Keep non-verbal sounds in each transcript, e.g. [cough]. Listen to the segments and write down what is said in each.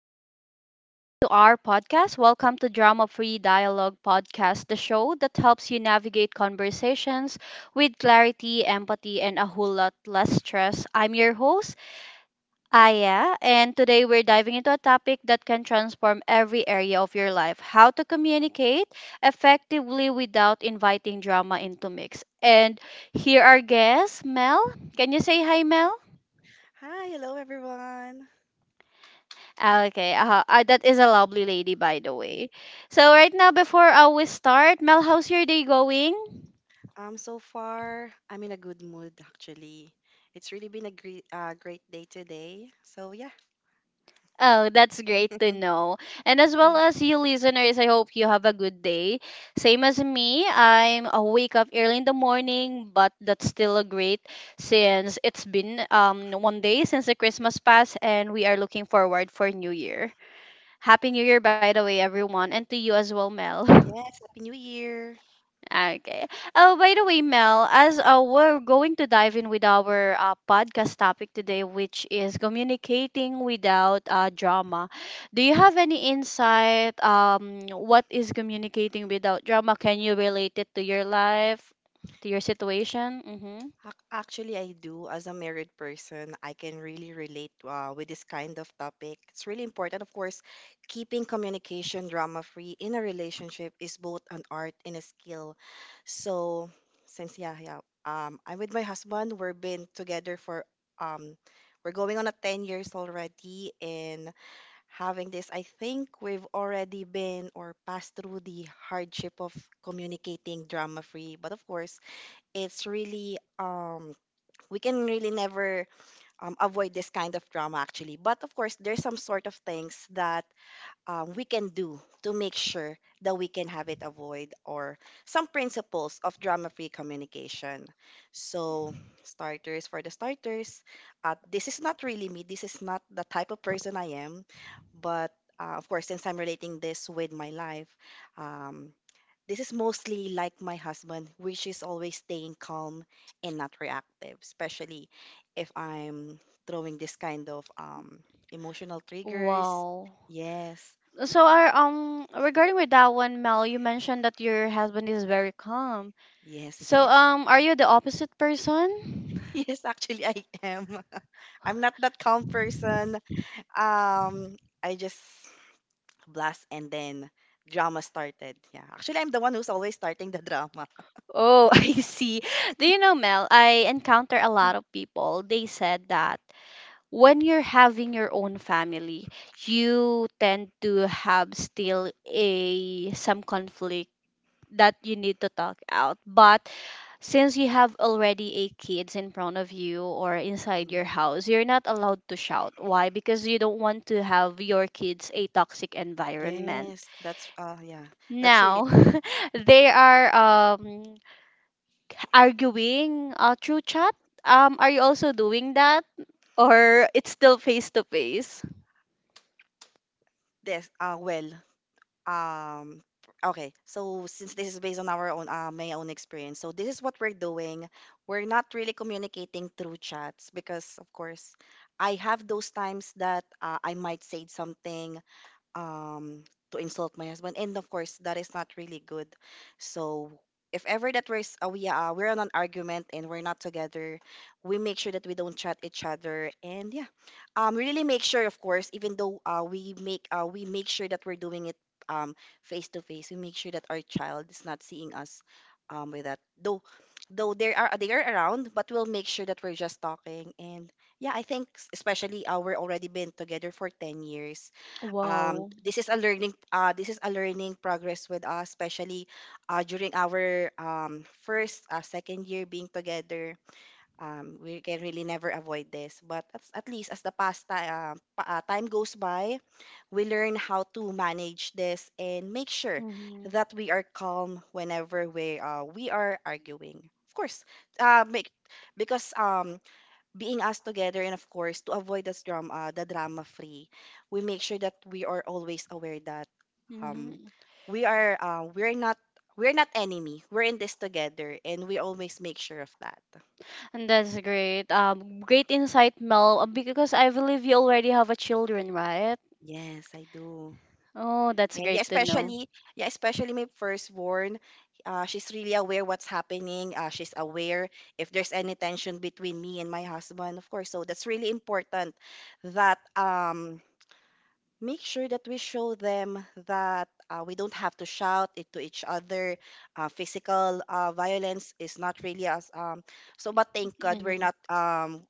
welcome back again to our podcast. Welcome to Drama Free Dialogue Podcast, the show that helps you navigate conversations with clarity, empathy, and a whole lot less stress. I'm your host, Aya, and today we're diving into a topic that can transform every area of your life, how to communicate effectively without inviting drama into mix. And here are guests, Mel. Can you say hi, Mel? Hi, hello everyone. Okay, that is a lovely lady, by the way. So right now, before we start, Mel, how's your day going? So far, I'm in a good mood actually. It's really been a great day today. So yeah. Oh, that's great to [laughs] know. And as well Mm. as you listeners, I hope you have a good day. Same as me, I'm awake up early in the morning, but that's still a great since it's been 1 day since the Christmas passed, and we are looking forward for New Year. Happy New Year, by the way, everyone, and to you as well, Mel. [laughs] Yes, happy New Year. Okay. Oh, by the way, Mel, as we're going to dive in with our podcast topic today, which is communicating without drama. Do you have any insight? What is communicating without drama? Can you relate it to your life, to your situation? Mm-hmm. Actually, I do. As a married person, I can really relate with this kind of topic. It's really important. Of course, keeping communication drama free in a relationship is both an art and a skill. So, since, yeah, yeah, I'm with my husband. We've been together for, um, we're going on a 10 years already. And having this, I think we've already been or passed through the hardship of communicating drama free. But of course, it's really, um, we can really never avoid this kind of drama actually, but of course there's some sort of things that we can do to make sure that we can have it avoid or some principles of drama free communication. So, starters for the starters, this is not really me, this is not the type of person I am, but of course, since I'm relating this with my life, um, this is mostly like my husband, which is always staying calm and not reactive, especially if I'm throwing this kind of emotional triggers. Wow. Yes. So, regarding with that one, Mel, you mentioned that your husband is very calm. Yes, So, yes. [laughs] Are you the opposite person? Yes, actually I am. [laughs] I'm not that calm person. Um, I just blast and then drama started. Yeah. Actually, I'm the one who's always starting the [laughs] drama. Oh, [laughs] I see. Do you know, Mel, I encounter a lot of people. They said that when you're having your own family, you tend to have still a some conflict that you need to talk out. But since you have already a kids in front of you or inside Mhm. your house, you're not allowed to shout. Why? Because you don't want to have your kids a toxic environment. Yes, that's yeah. That's really Now, [laughs] they are arguing through chat? Are you also doing that, or it's still face to face? this well. Um okay, so since this is based on our own my own experience, so this is what we're doing. We're not really communicating through chats, because of course I have those times that I might say something um to insult my husband, and of course that is not really good. So if ever that we're on an argument and we're not together, we make sure that we don't chat each other. And yeah, we really make sure, of course, even though we make sure that we're doing it, um face to face, we make sure that our child is not seeing us. With that, though they are, they are around, but we'll make sure that we're just talking. And yeah, I think especially we're already been together for 10 years. Wow. This is a learning this is a learning progress with us, especially during our first second year being together. We can really never avoid this, but at least as the time goes by, we learn how to manage this and make sure Mhm. that we are calm whenever we are arguing. Of course, make because being us together, and of course to avoid this drama, the drama free, we make sure that we are always aware that um Mhm. we are we're not enemy. We're in this together, and we always make sure of that. And that's great. Great insight, Mel. Because I believe you already have a children, right? Yes, I do. Oh, that's And yeah, great to know. Especially my firstborn, she's really aware what's happening. She's aware if there's any tension between me and my husband, of course. So that's really important that make sure that we show them that we don't have to shout it to each other. Physical violence is not really as so, but thank God we're Mhm. not um,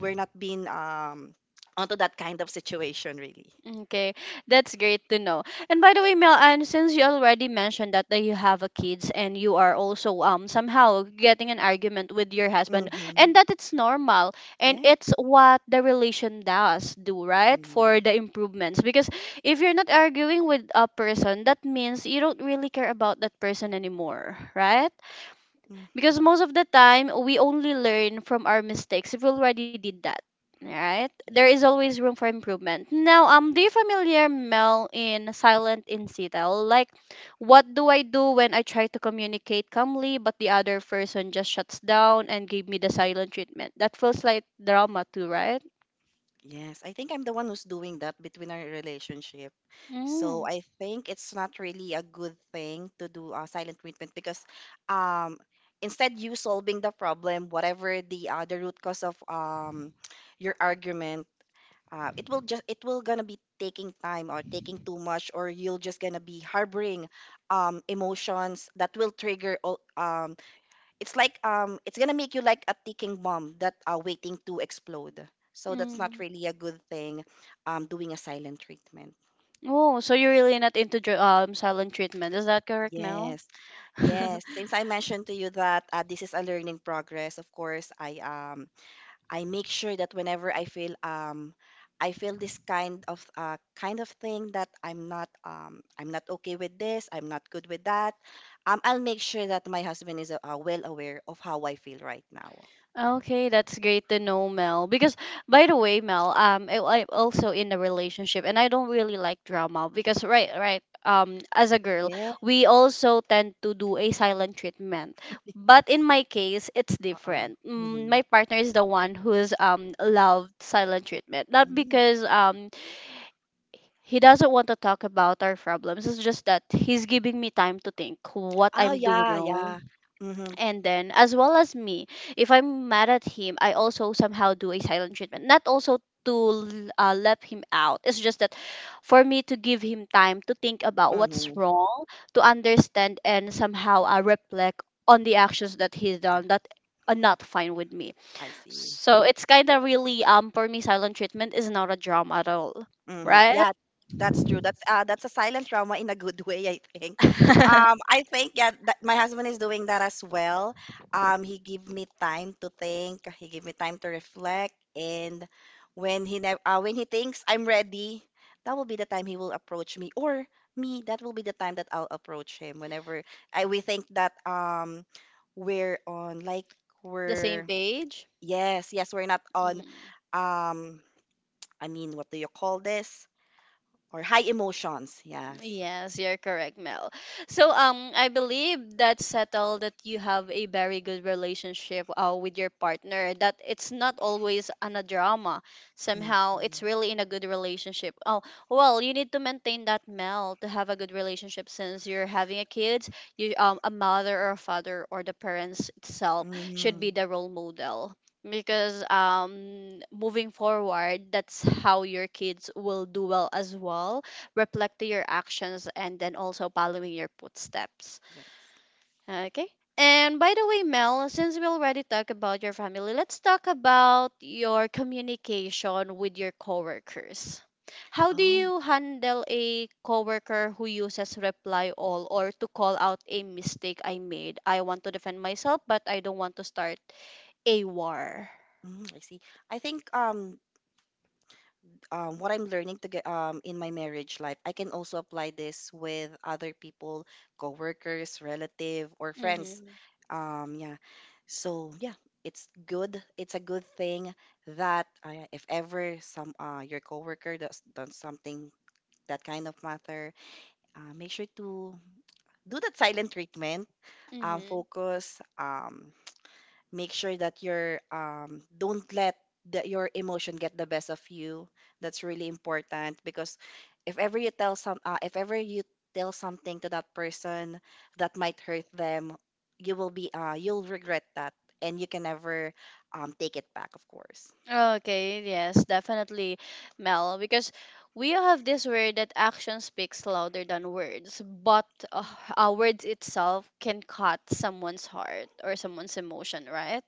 we're not being onto that kind of situation really. Okay, that's great to know. And by the way, Mel, and since you already mentioned that, that you have a kids and you are also somehow getting an argument with your husband, Mm-hmm. and that it's normal and Yeah. it's what the relation does do, right? For the Mm-hmm. improvements, because if you're not arguing with a person, that means you don't really care about that person anymore, right? Because most of the time, we only learn from our mistakes if we already did that. Right? There Yes. is always room for improvement. Now, do you familiar Mel in silent in CTEL? Like, what do I do when I try to communicate calmly, but the other person just shuts down and gave me the silent treatment? That feels like drama too, right? Yes, I think I'm the one who's doing that between our relationship. So Mm. I think it's not really a good thing to do a silent treatment, because um instead you solving the problem, whatever the root cause of your argument, it will gonna be taking time or taking too much, or you'll just gonna be harboring emotions that will trigger all. It's like it's gonna make you like a ticking bomb that are waiting to explode. So that's not Mm. really a good thing, doing a silent treatment. Oh, so you're really not into silent treatment. Is that correct, Mel? Yes, [laughs] yes. Since I mentioned to you that this is a learning progress, of course, I make sure that whenever I feel this kind of thing that I'm not okay with this, I'm not good with that, I'll make sure that my husband is well aware of how I feel right now. Okay, that's great to know, Mel. Because by the way, Mel, I'm also in a relationship, and I don't really like drama because as a girl, Yes. we also tend to do a silent treatment. But in my case, it's Oo, different. Mm, mhm. my partner is the one who's loved silent treatment, not Mm. because he doesn't want to talk about our problems. It's just that he's giving me time to think what Oh, I'm doing yeah, wrong, yeah. Mhm, and then as well as me, if I'm mad at him, I also somehow do a silent treatment, not also to let him out. It's just that for me to give him time to think about mhm. what's wrong, to understand and somehow reflect on the actions that he's Yeah, done that are not fine with me. I see. So it's kind of really, for me, silent treatment is not a drama at all, Hmm. right? Yeah, that's true. That's a silent trauma in a good [laughs] way, I think. [laughs] I think yeah, that my husband is doing that as well. He give me time to think. He give me time to reflect, and when he thinks I'm ready, that will be the time he will approach me, or me. That will be the time that I'll approach him. Whenever I we think that we're on like The same we're page. yes, yes, we're not on Mm. um I mean, what do you call this? — or high emotions. Yes. Yes, you're correct, Mel. So I believe that settled that you have a very good relationship with your partner, that it's not always an a drama. Hmm. Somehow it's really in a good relationship. Oh, well, you need to maintain that Mel to have a good relationship. Since you're having a kid, you a mother or a father or the parents itself should be Mhm. the role model, because moving forward, that's how your kids will do well as well, reflecting your actions, and then also following your footsteps. Yes. Okay. And by the way, Mel, since we already talked about your family, let's talk about your communication with your coworkers. How do Oh, you handle a coworker who uses reply all or to call out a mistake I made? I want to defend myself, but I don't want to start a war. mm, I see. I think what I'm learning to get in my marriage life, I can also apply this with other people, coworkers, relative, or friends. Mm-hmm. Yeah. So yeah, it's good. It's a good thing that if ever some your coworker does something that kind of matter. Make sure to do that silent treatment. Mm-hmm. Focus. Make sure that you're don't let your emotion get the best of you. That's really important, because if ever you tell some, if ever you tell something to that person that might hurt them, you'll regret that, and you can never take it back. Of course. Okay, yes, definitely, Mel, because we have this word that action speaks louder than words, but Mm. Words itself can cut someone's heart or someone's emotion, right?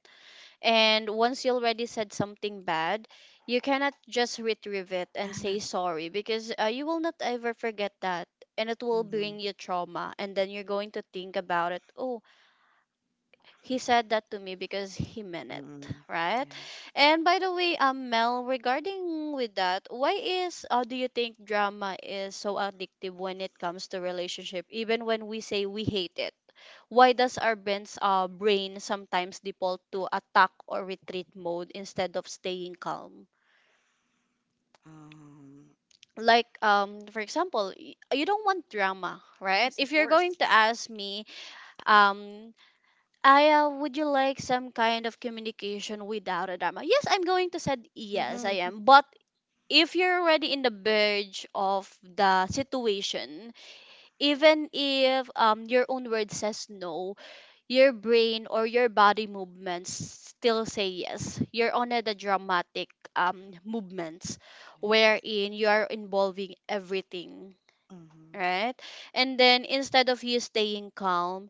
And once you already said something bad, you cannot just retrieve it and say Yes. sorry because you will not ever forget that. And it will Hmm. bring you trauma, and then you're going to think about it. Oh, he said that to me because he meant it, Mm-mm. right? Yes. And by the way, mel, regarding with that, why is do you think drama is so addictive when it comes to relationship even when we say we hate it? Why does our brain sometimes default to attack or retreat mode instead of staying calm? Um, Like for example, you don't want drama, right? yes, of If you're course. going to ask me, um, Aya, would you like some kind of communication without a drama? Yes, I'm going to say yes, Mm-hmm. I Yeah. am. But if you're already in the verge of the situation, even if your own word says no, your brain or your body movements still say yes. You're on the dramatic movements wherein you are involving everything, Mm-hmm. right? And then instead of you staying calm,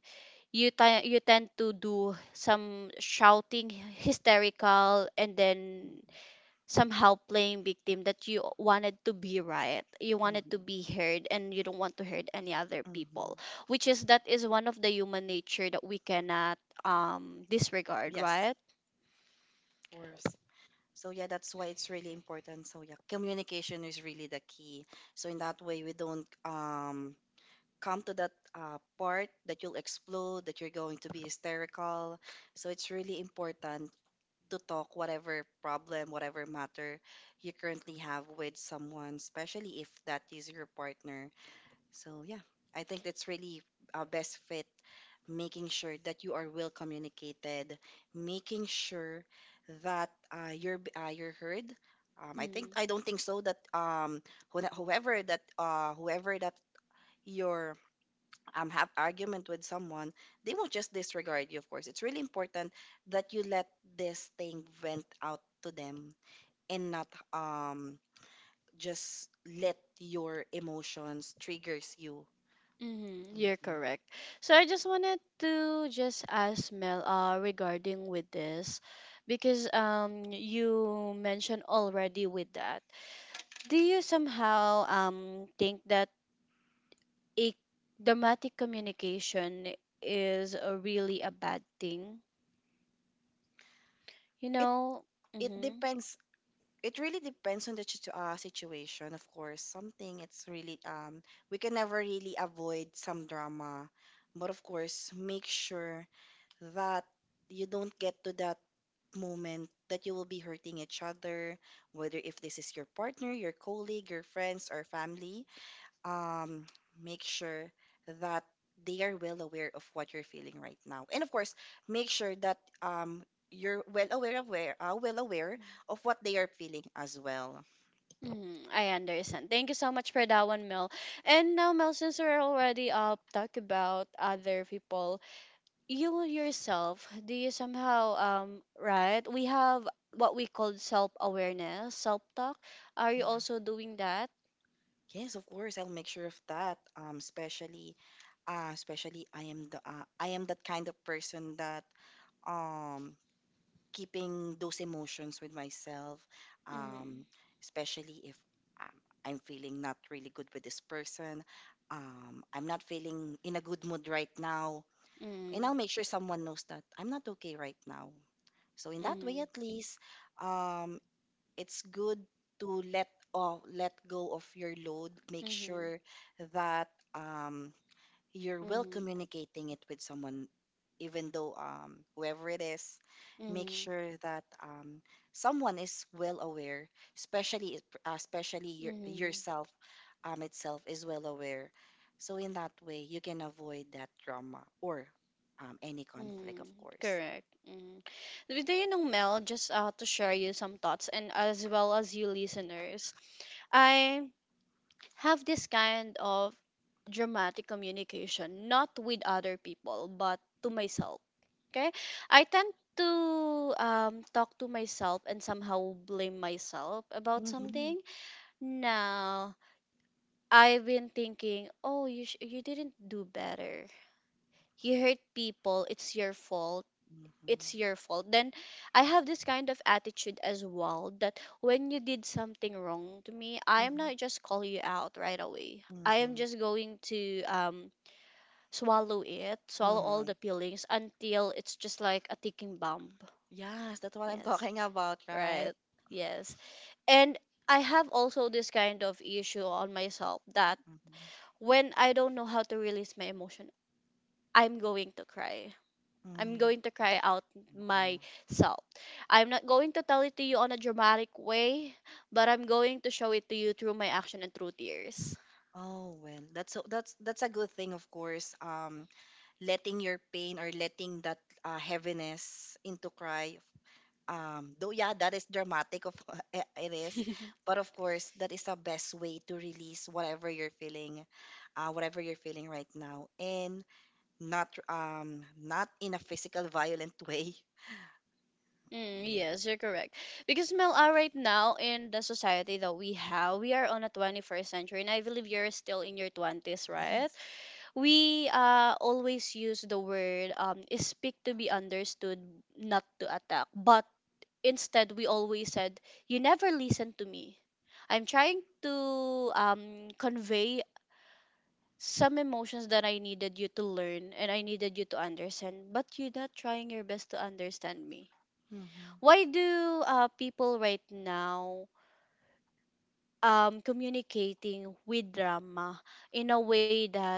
you you tend to do some shouting hysterical, and then Mm-hmm. somehow playing victim, that you wanted to be right, you wanted to be Mm-hmm. heard, and you don't want to hurt any other Mm-hmm. people, which is that is one of the human nature that we cannot disregard, Yes, of right? course. So yeah, that's why it's really important. So yeah, communication is really the key. So in that way, we don't come to that part that you'll explode, that you're going to be hysterical. So it's really important to talk whatever problem, whatever matter you currently have with someone, especially if that is your partner. So yeah, I think that's really a best fit, making sure that you are well communicated, making sure that you're heard. Mm. I don't think so that whoever that your have argument with someone, they won't just disregard you, of course. It's really important that you let this thing vent out to them, and not just let your emotions triggers you. Mm-hmm, you're Mhm. correct. So I just wanted to just ask Mel regarding with this, because you mentioned already with that. Do you somehow think that a dramatic communication is a really a bad thing? You It know? it Mm-hmm. depends. It really depends on the situation, of course. Something it's really we can never really avoid some drama, but of course make sure that you don't get to that moment that you will be hurting each other, whether if this is your partner, your colleague, your friends, or family. um, Make sure that they are well aware of what you're feeling right now, and of course, make sure that you're well aware of well aware of what they are feeling as well. Mm, I understand. Thank you so much for that one, Mel. And now, Mel, since we're already talk about other people, you yourself, do you somehow right, we have what we call self awareness, self talk. Are you Mhm. also doing that? Yes, of course, I'll make sure of that. Especially, I am the I am that kind of person that um keeping those emotions with myself, Mm. um, especially if um, I'm feeling not really good with this person. I'm not feeling in a good mood right now. Mm. And I'll make sure someone knows that I'm not okay right now. So in that way, Mm. at least, um, it's good to let off, let go of your load. Hmm. Make Hmm. sure that um, you're well Hmm. communicating it with someone, even though whoever it is, make Mm. sure that someone is well aware, especially your, yourself itself is well aware, so in that way you can avoid that drama or any conflict, of Mm, course. correct. Mm. With you know, Mel, just to share you some thoughts, and as well as you listeners, I have this kind of dramatic communication, not with other people, but to myself. Okay, I tend to talk to myself and somehow blame myself about Mhm. something. Now I've been thinking, oh, you didn't do better. You hurt people. It's your fault Mhm. Mhm. it's your fault Then I have this kind of attitude as well that when you did something wrong to me, I am not just call you out right away. I am Mhm. just going to swallow it, swallow all Hmm. the feelings until it's just like a ticking bomb. Yes, that's what I'm Yes, talking about, right. right? Yes. And I have also this kind of issue on myself that Mm-hmm. when I don't know how to release my emotion, I'm going to cry. I'm Mm. going to cry out myself. I'm not going to tell it to you on a dramatic way, but I'm going to show it to you through my action and through tears. Oh well, that's so that's a good thing, of course. Letting your pain or letting that heaviness into cry. Though yeah, that is dramatic. Of [laughs] eh, it is, [laughs] but of course, that is the best way to release whatever you're feeling right now. And not not in a physical violent way. Mm, Mm. yes, you're correct. Because Mel, right now in the society that we have, we are on a 21st century, and I believe you're still in your 20s, right? Yes. We always use the word, speak to be understood, not to attack. But instead, we always said, you never listen to me. I'm trying to convey some emotions that I needed you to learn and I needed you to understand, but you're not trying your best to understand me. Mm-hmm. Why do people right now communicating with drama in a way that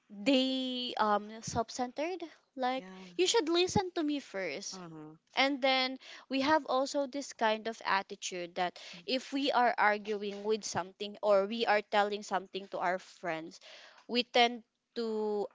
they self-centered? Like Yeah. you should listen to me first. Mm-hmm. Mm-hmm. And then we have also this kind of attitude that if we are arguing with something or we are telling something to our friends, we tend to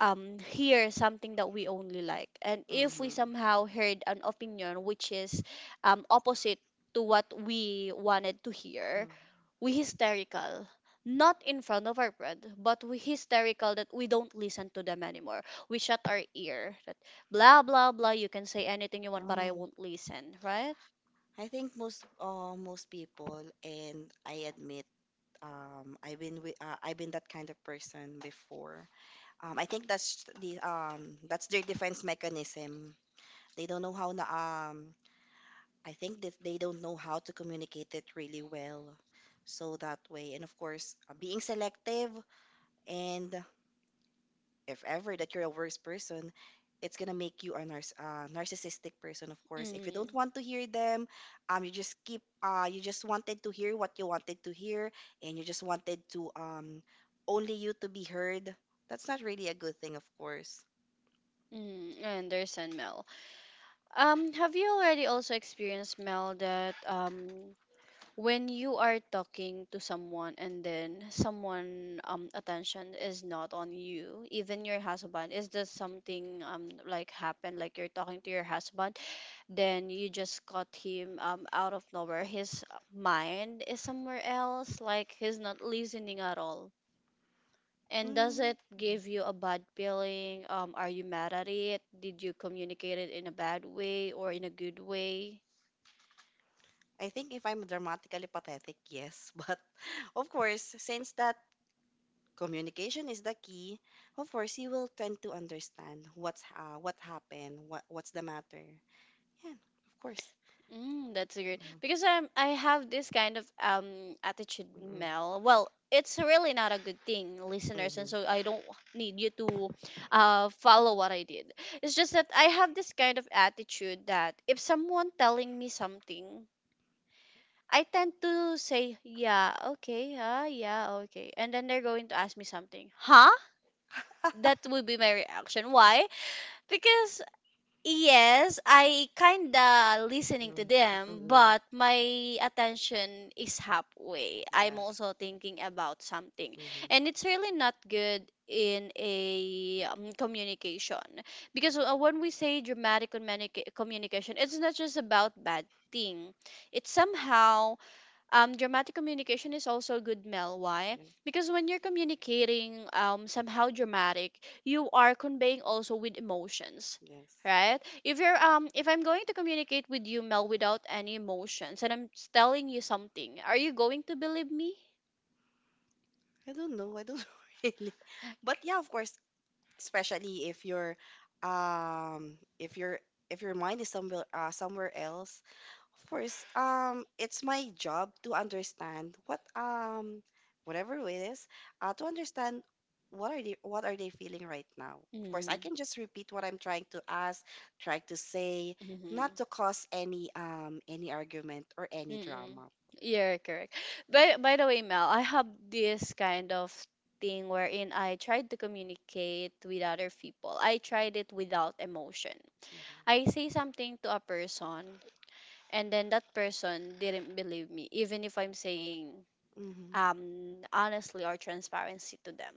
hear something that we only like. And if we somehow heard an opinion which is opposite to what we wanted to hear, Mm-hmm. we hysterical not in front of our friend, but we hysterical that we don't listen to them anymore. We shut our ear that blah blah blah, you can say anything you want, but I Um, won't listen, right? I think most people, and I admit, I've been that kind of person before. I think that's the that's their defense mechanism. They don't know how. Um, I think that they don't know how to communicate it really well. So that way, and of course, being selective, and if ever that you're a worse person, it's gonna make you a narcissistic person. Of course, if you don't Mm. want to hear them, you just keep. You just wanted to hear what you wanted to hear, and you just wanted to only you to be heard. That's not really a good thing, of course. Mm, I understand, Mel. Have you already also experienced, Mel, that when you are talking to someone and then someone attention is not on you, even your husband, is this something like happened? Like you're talking to your husband, then you just caught him out of nowhere. His mind is somewhere else, like he's not listening at all. And does it Mm. give you a bad feeling? Are you mad at it? Did you communicate it in a bad way or in a good way? I think if I'm dramatically pathetic, yes. [laughs] But of course, since that communication is the key, of course you will tend to understand what happened, what's the matter. Yeah, of course. Mm, Mm-mm. that's great because I have this kind of attitude, Mm-mm. Mel. Well, it's really not a good thing, [laughs] listeners, and Mm-mm. so I don't need you to follow what I did. It's just that I have this kind of attitude that if someone telling me something, I tend to say yeah, okay, ah, yeah, okay, and then they're going to ask me something, huh? That would be my reaction. Why? Because yes, I kinda listening to them, but my attention is halfway. I'm Yes. also thinking about something, and it's really not good in a communication because when we say hmm dramatic communication, it's not just about bad thing. It's somehow dramatic communication is also good, Mel. Why? Because when you're communicating somehow dramatic, you are conveying also with emotions, Yes, right? yes. If I'm going to communicate with you, Mel, without any emotions, and I'm telling you something, are you going to believe me? I don't know. I don't [laughs] really. But yeah, of course, especially if your um if your mind is somewhere else, course, it's my job to understand whatever it is, to understand what are they feeling right now. Of course, I can just repeat what I'm trying to ask, try to say, Mm-hmm. not to cause any argument or any Mm-mm. drama. You're correct. By the way, Mel, I have this kind of thing wherein I tried to communicate with other people. I tried it without emotion. I say something to a person, and then that person didn't believe me, even if I'm saying Hmm hmm honestly or transparency to them.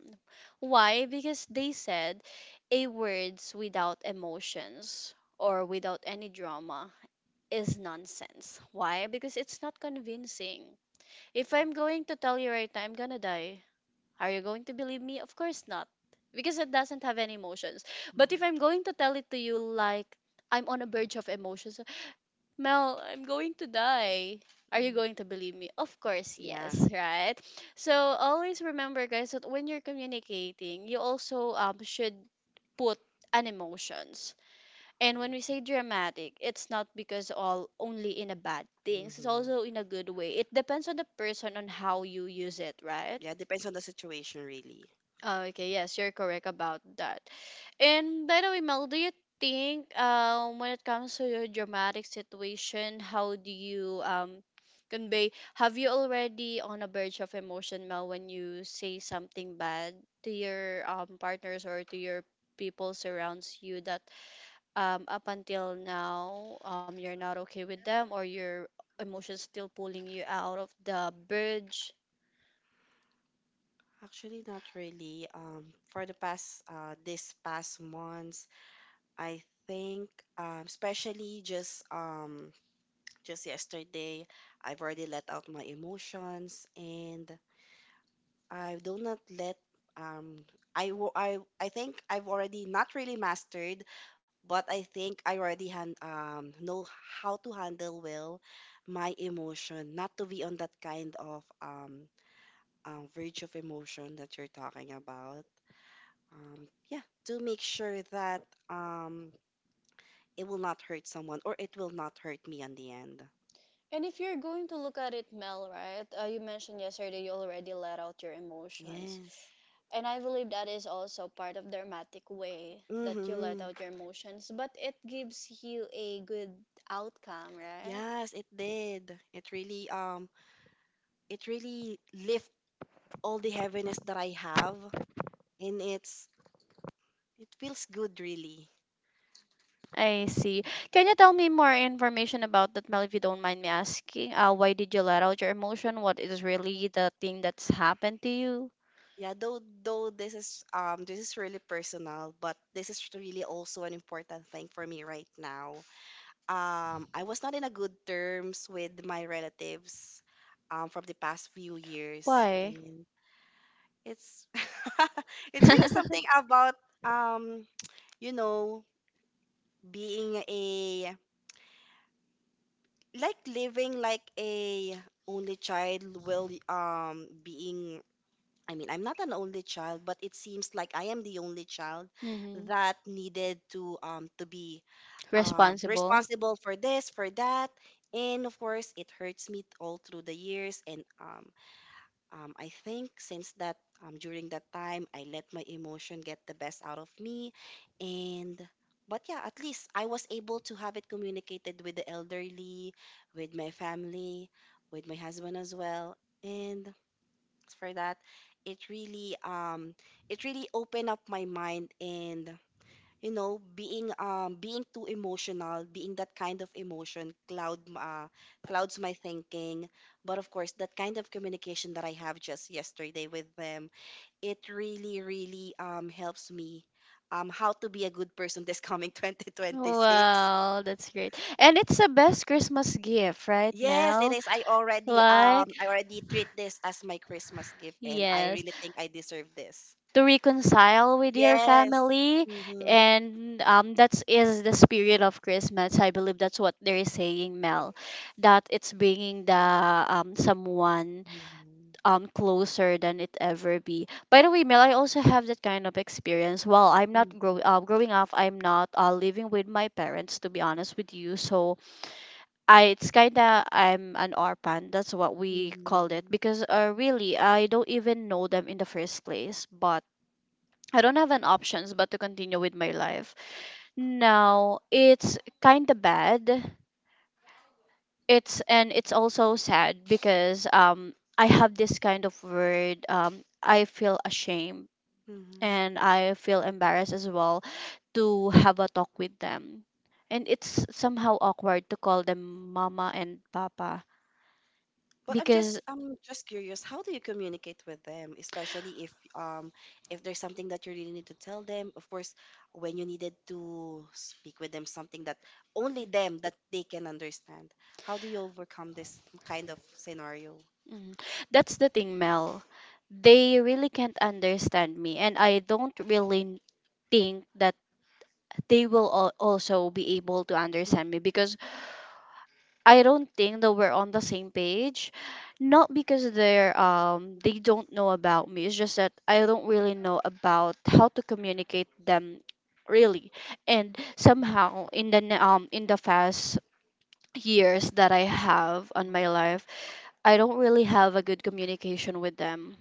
Why? Because they said a words without emotions or without any drama is nonsense. Why? Because it's not convincing. If I'm going to tell you right now I'm gonna die, are you going to believe me? Of course not. Because it doesn't have any emotions. But if I'm going to tell it to you like I'm on a verge of emotions, Mel, I'm going to die. Are you going to believe me? Of course, yes, Yeah. right? So always remember, guys, that when you're communicating, you also should put an emotions, and when we say dramatic, it's not because all only in a bad things. It's Mhm. also in a good way. It depends on the person on how you use it, right? Yeah, depends on the situation, really. Oh, okay, yes, you're correct about that. And by the way, Mel, do you think when it comes to your dramatic situation, how do you convey? Have you already on a verge of emotion, Mel, when you say something bad to your partners or to your people surrounds you that up until now you're not okay with them or your emotions still pulling you out of the bridge? Actually, not really. For the past, this past months, I think, especially just yesterday, I've already let out my emotions, and I do not let um I think I've already not really mastered, but I think I already han know how to handle well my emotion, not to be on that kind of verge of emotion that you're talking about. Yeah, to make sure that um it will not hurt someone or it will not hurt me in the end. And if you're going to look at it, Mel, right, you mentioned yesterday you already let out your emotions, Yes. and I believe that is also part of the dramatic way that you let Mhm. out your emotions, but it gives you a good outcome, Yes, it right? did. It really lift all the heaviness that I have, and it's it feels good really. I see. Can you tell me more information about that, Mel, if you don't mind me asking? Why did you let out your emotion? What is really the thing that's happened to you? Yeah, though this is really personal, but this is really also an important thing for me right now. I was not in a good terms with my relatives from the past few years, Why? and it's [laughs] it's really something [laughs] about um you know being a like living like a only child will being I mean, I'm not an only child, but it seems like I am the only child Mhm. that needed to be Responsible. responsible for this, for that, and of course, it hurts me all through the years. And I think since that during that time, I let my emotion get the best out of me, and but yeah, at least I was able to have it communicated with the elderly, with my family, with my husband as well, and for that. It really um it really opened up my mind and you know being too emotional, being that kind of clouds my thinking. But of course, that kind of communication that I have just yesterday with them, it really really helps me how to be a good person this coming [laughs] 2026. Wow, that's great. And it's the best Christmas gift, right, Yes, it Mel? is. Like, I already [sighs] treat this as my Christmas gift and I yes, really think I deserve this. to reconcile with your Yes. family. Mm-hmm. And that is the spirit of Christmas, I believe that's what they're saying, Mel, that it's bringing the someone closer than it ever be. By the way, Mel, I also have that kind of experience. Well, I'm not growing up, I'm not living with my parents, to be honest with you, so I it's kinda I'm an orphan. That's what we called it Mm-hmm. because really I don't even know them in the first place. But I don't have an options but to continue with my life. Now, it's kind of bad. It's and it's also sad because I have this kind of word, I feel ashamed Mm-hmm. and I feel embarrassed as well to have a talk with them. And it's somehow awkward to call them mama and papa But I'm because just I'm just curious, how do you communicate with them, especially if there's something that you really need to tell them? Of course, when you needed to speak with them something that only them that they can understand. How do you overcome this kind of scenario? Mm. That's the thing, Mel. They really can't understand me, and I don't really think that they will also be able to understand me because I don't think that we're on the same page. Not because they don't know about me. It's just that I don't really know about how to communicate them really. And somehow in the past years that I have on my life, I don't really have a good communication with them.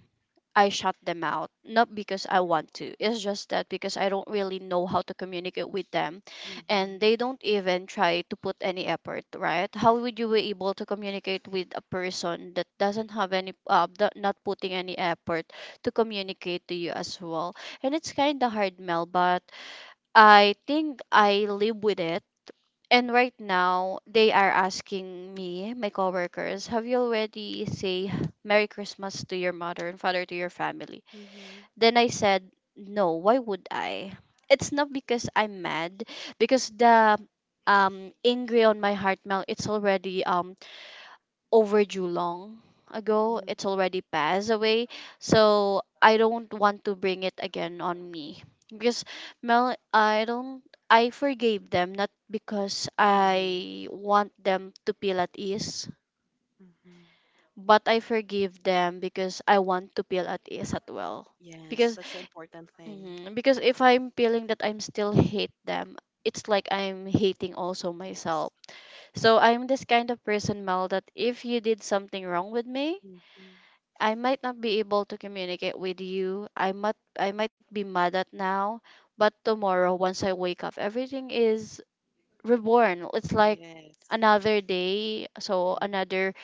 I shut them out, not because I want to. It's just that because I don't really know how to communicate with them, Mm-hmm. and they don't even try to put any effort, right? How would you be able to communicate with a person that doesn't have any, that not putting any effort to communicate to you as well? And it's kind of hard, Mel, but I think I live with it. And right now, they are asking me, my coworkers, have you already say Merry Christmas to your mother and father, to your family? Mm-hmm. Then I said, no, why would I? It's not because I'm mad, because the angry on my heart now it's already overdue long ago. Mm-hmm. It's already passed away. So I don't want to bring it again on me. Because, Mel, I forgave them not because I want them to feel at ease, but I forgive them because I want to feel at ease as well, Yes, because that's an important thing. mhm, because if I'm feeling that I'm still hate them, it's like I'm hating also myself. Yes. So I'm this kind of person, Mel, that if you did something wrong with me, hmm I might not be able to communicate with you. I might be mad at now, but tomorrow once I wake up, everything is reborn. It's like Yes. another day, so another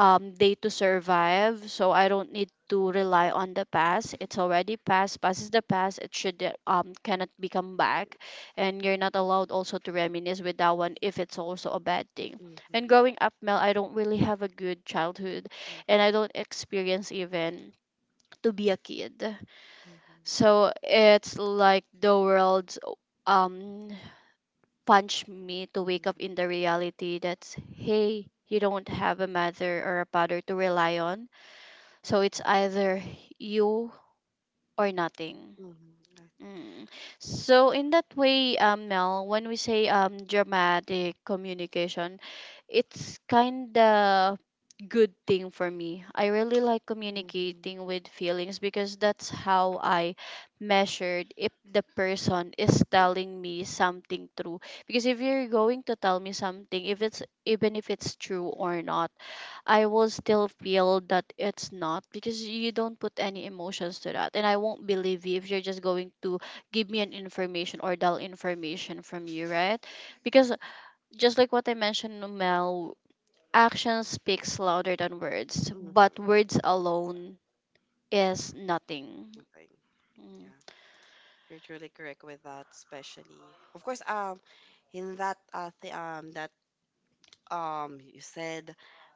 day to survive. So I don't need to rely on the past. It's already past. Past is the past. It should cannot become back, and you're not allowed also to reminisce with that one if it's also a bad thing. hmm And hmm growing up, Mel, I don't really have a good childhood, and I don't experience even to be a kid. hmm So it's like the world's um punch me to wake up in the Mm-hmm. reality that's hey, you don't have a mother or a father to rely on, so it's either you or nothing. Mm-hmm. Mm. So in that way, Mel, when we say dramatic communication, it's kind of good thing for me. I really like communicating with feelings because that's how I measured if the person is telling me something true. Because if you're going to tell me something, if it's even if it's true or not, I will still feel that it's not, because you don't put any emotions to that. And I won't believe you if you're just going to give me an information or dull information from you, right? Because just like what I mentioned, Mel, action speaks louder than words, but words alone is nothing. Nothing. Yeah, you're truly correct with that, especially. Of course, that you said,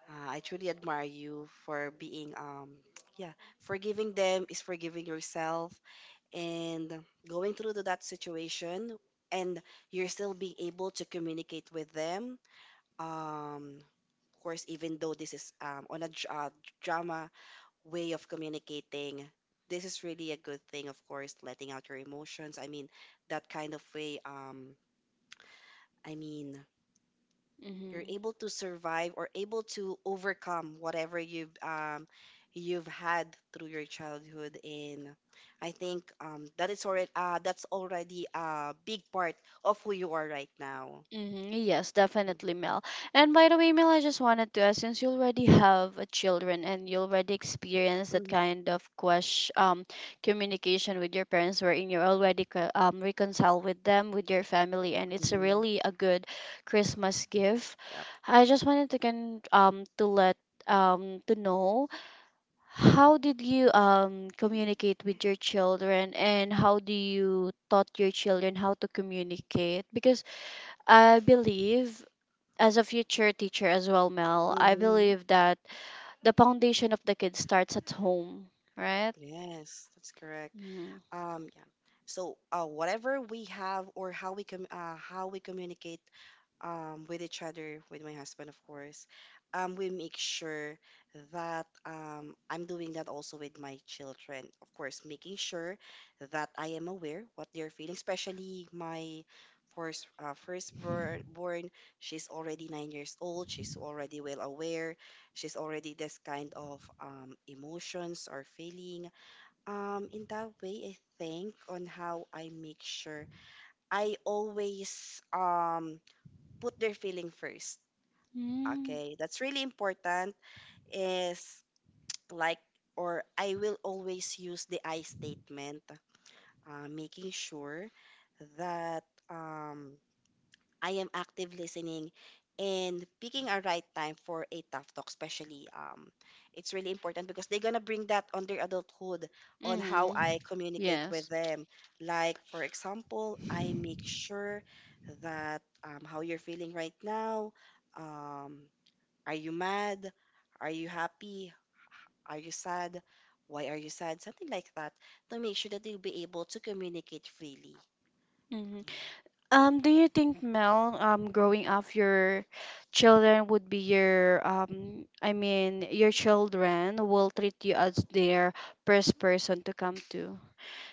I truly admire you for being [tsk] yeah, forgiving them is forgiving yourself. And going through to that situation and you're still being able to communicate with them um of course even though this is on a drama way of communicating, this is really a good thing, of course letting out your emotions. I mean, that kind of way, I mean, you're Mm-hmm. able to survive or able to overcome whatever you've had through your childhood, and I think that's already a big part of who you are right now. Mm-hmm. Yes, Mhm. definitely, Mel. And by the way, Mel, I just wanted to ask, since you already have a children and you already experienced that Mhm, kind of question, communication with your parents, wherein you're already reconciled with them, with your family, and it's mhm. really a good Christmas gift. Yep. I just wanted to can to let to know how did you communicate with your children and how do you taught your children how to communicate, because I believe, as a future teacher as well, Mel, I Mhm. believe that the foundation of the kid starts at home, right? Yes, that's correct. Mm-hmm. Yeah. So, whatever we have or how we communicate with each other, with my husband, of course, we make sure that I'm doing that also with my children. Of course, making sure that I am aware what they're feeling, especially my firstborn born. She's already 9 years old. She's already well aware she's already this kind of emotions or feeling. In that way, I think on how I make sure I always put their feeling first. Okay, that's really important. Is like, or I will always use the I statement, making sure that um, I am active listening and picking a right time for a tough talk, especially. It's really important because they're gonna bring that on their adulthood on how Mm-hmm. I communicate with Yes. them. Like, for example, I make sure that how you're feeling right now. Um, are you mad? Are you happy? Are you sad? Why are you sad? Something like that to make sure that they'll be able to communicate freely. Mm-hmm. Do you think, Mel, growing up, your children would be your, I mean, your children will treat you as their first person to come to?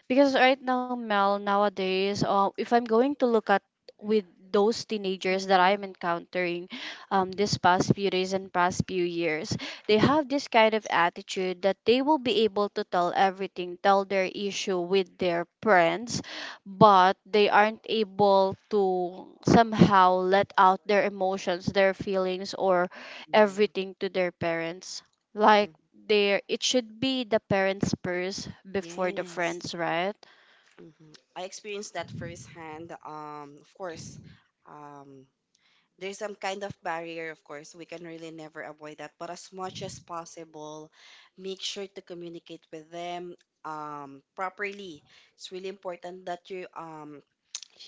Because right now, Mel, nowadays, if I'm going to look at with those teenagers that Mm. I'm encountering this past few days and past few years, they have this kind of attitude that they will be able to tell everything, tell their issue with their friends, but they aren't able to somehow let out their emotions, their feelings, or everything to their parents. Mm, Like there, it should be the parents first before the yes. friends, right? hmm I experienced that firsthand. Of course, um, there's some kind of barrier, of course. We can really never avoid that. But as much as possible, make sure to communicate with them properly. It's really important that you um,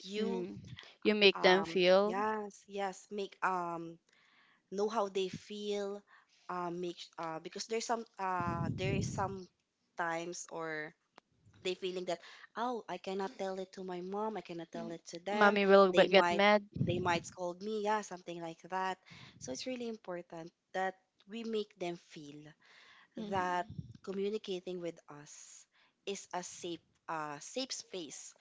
you Mm. You make them feel. yes yes make know how they feel, make because there is some times or they feeling that, oh, I cannot tell it to my mom, I cannot Mm. tell it to them, Mommy will they get might mad. they might scold me, yeah, something like that. So it's really important that we make them feel Mm. that communicating with us is a safe space,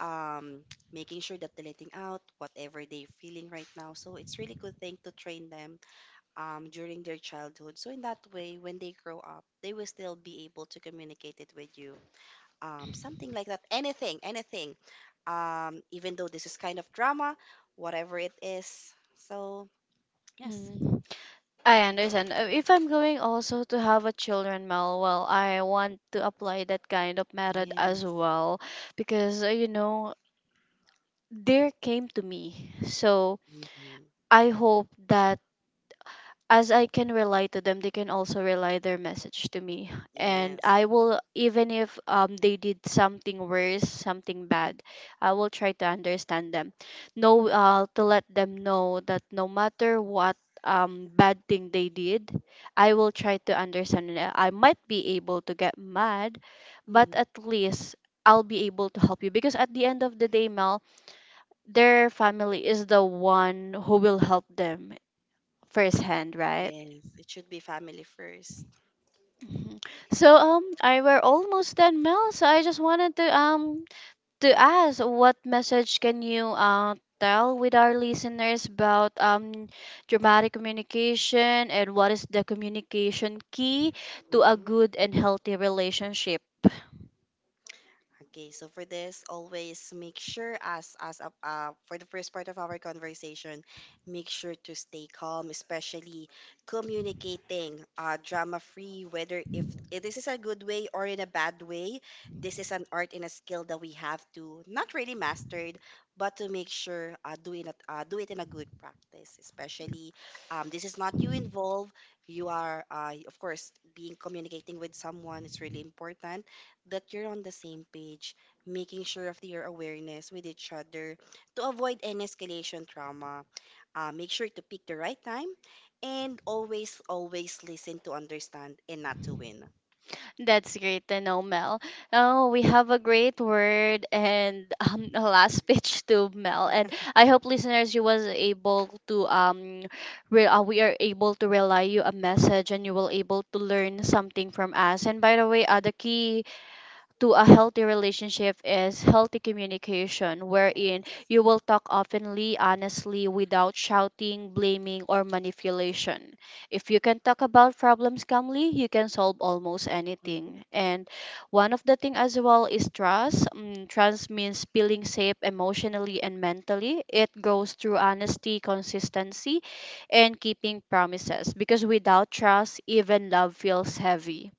um, [tsk] making sure that they're letting out whatever they're feeling right now. So it's really good thing to train them during their childhood, so in that way when they grow up they will still be able to communicate it with you, something like that. Anything, anything. Even though this is kind of drama, whatever it is. So yes, Mm. I understand. If I'm going also to have a children meal, well, I want to apply that kind of method as yes, well because there came to me. So hmm I hope that as I can rely to them, they can also rely their message to me. And yes, I will, even if they did something worse, something bad, I will try to understand them. No, to let them know that no matter what bad thing they did, I will try to understand it. I might be able to get mad, but hmm at least I'll be able to help you because at the end of the day, Mel, their family is the one who will help them firsthand, right? yes. It should be family first. Mhm. So I were almost done, Mel. So I just wanted to to ask, what message can you tell with our listeners about dramatic communication and what is the communication key to a Mm-hmm. good and healthy relationship? Okay, so for this, always make sure, as a for the first part of our conversation, make sure to stay calm, especially communicating drama free, whether if this is a good way or in a bad way, this is an art and a skill that we have to not really mastered, but to make sure do it in a good practice, especially this is not you involved. You are, of course, being communicating with someone. It's really important that you're on the same page, making sure of your awareness with each other to avoid any escalation trauma. Make sure to pick the right time and always, always listen to understand and not to win. That's great to know, Mel. Oh, we have a great word and [laughs] a last pitch to Mel. And I hope listeners, you was able to we are able to relay you a message, and you will able to learn something from us. And by the way, the key to a healthy relationship is healthy communication, wherein Yes. you will talk openly, honestly, without shouting, blaming, or manipulation. If you can talk about problems calmly, you can solve almost anything. Mm-hmm. And one of the thing as well is trust. Mm, trust means feeling safe emotionally and mentally. It grows through honesty, consistency, and keeping promises. Because without trust, even love feels heavy.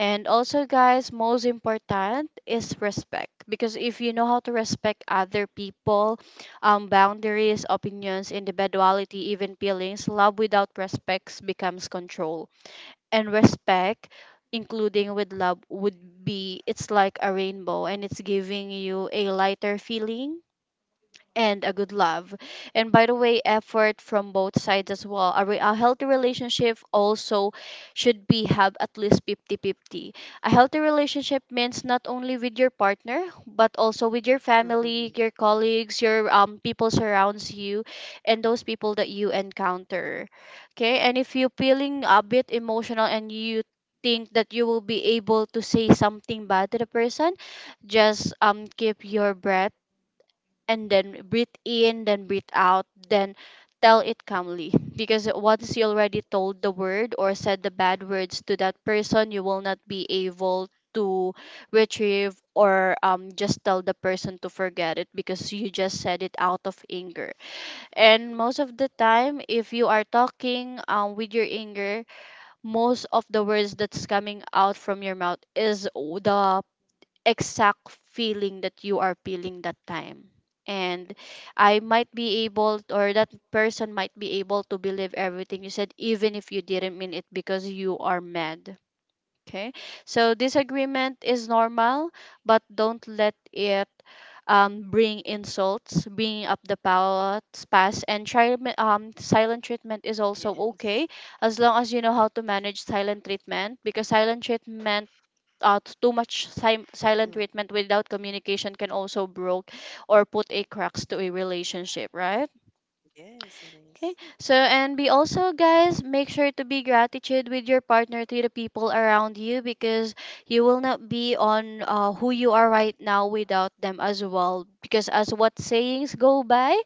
And also, guys, most important is respect because if you know how to respect other people, boundaries, opinions, individuality, even feelings, love without respect becomes control. And respect, including with love, would be it's like a rainbow and it's giving you a lighter feeling and a good love. And by the way, effort from both sides as well. A healthy relationship also should be have at least 50-50. A healthy relationship means not only with your partner, but also with your Mm-hmm. Mm-hmm. family, your colleagues, your people surrounds you, and those people that you encounter. Okay, and if you're feeling a bit emotional and you think that you will be able to say something bad to the person, just keep your breath and then breathe in, then breathe out, then tell it calmly. Because once you already told the word or said the bad words to that person, you will not be able to retrieve or just tell the person to forget it because you just said it out of anger. Yes. And most of the time, if you are talking with your anger, most of the words that's coming out from your mouth is the exact feeling that you are feeling that time and I might be able or that person might be able to believe everything you said even if you didn't mean it because you are mad. Okay. So disagreement is normal, but don't let it bring insults, bringing up the past and try silent treatment is also Yes. okay as long as you know how to manage silent treatment because silent treatment too much silent Mm. treatment without communication can also broke or put a cracks to a relationship, right? Yes, it is. Okay. So, and be also, guys, make sure to be gratitude with your partner to the people around you because you will not be on who you are right now without them as well. Because as what sayings go by,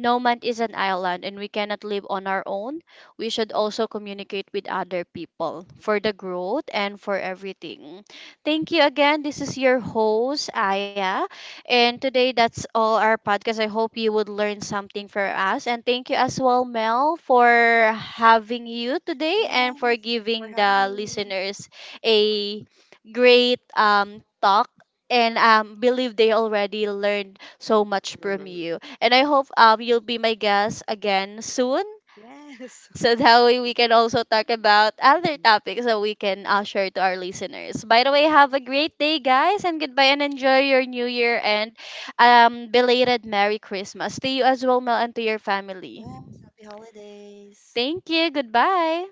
no man is an island and we cannot live on our own. We should also communicate with other people for the growth and for everything. Thank you again. This is your host, Aya. And today, that's all our podcast. I hope you would learn something for us. And thank you as well, Mel, for having you today Yes, and for thank you for giving having the me. listeners a great talk. And believe they already learned so much from Hmm you. And I hope you'll be my guest again soon. Yes. [laughs] So that way we can also talk about other topics that we can share to our listeners. By the way, have a great day, guys, and goodbye, and enjoy your New Year and belated Merry Christmas to you as well, Mel, and to your family. Yeah, happy holidays. Thank you. Goodbye.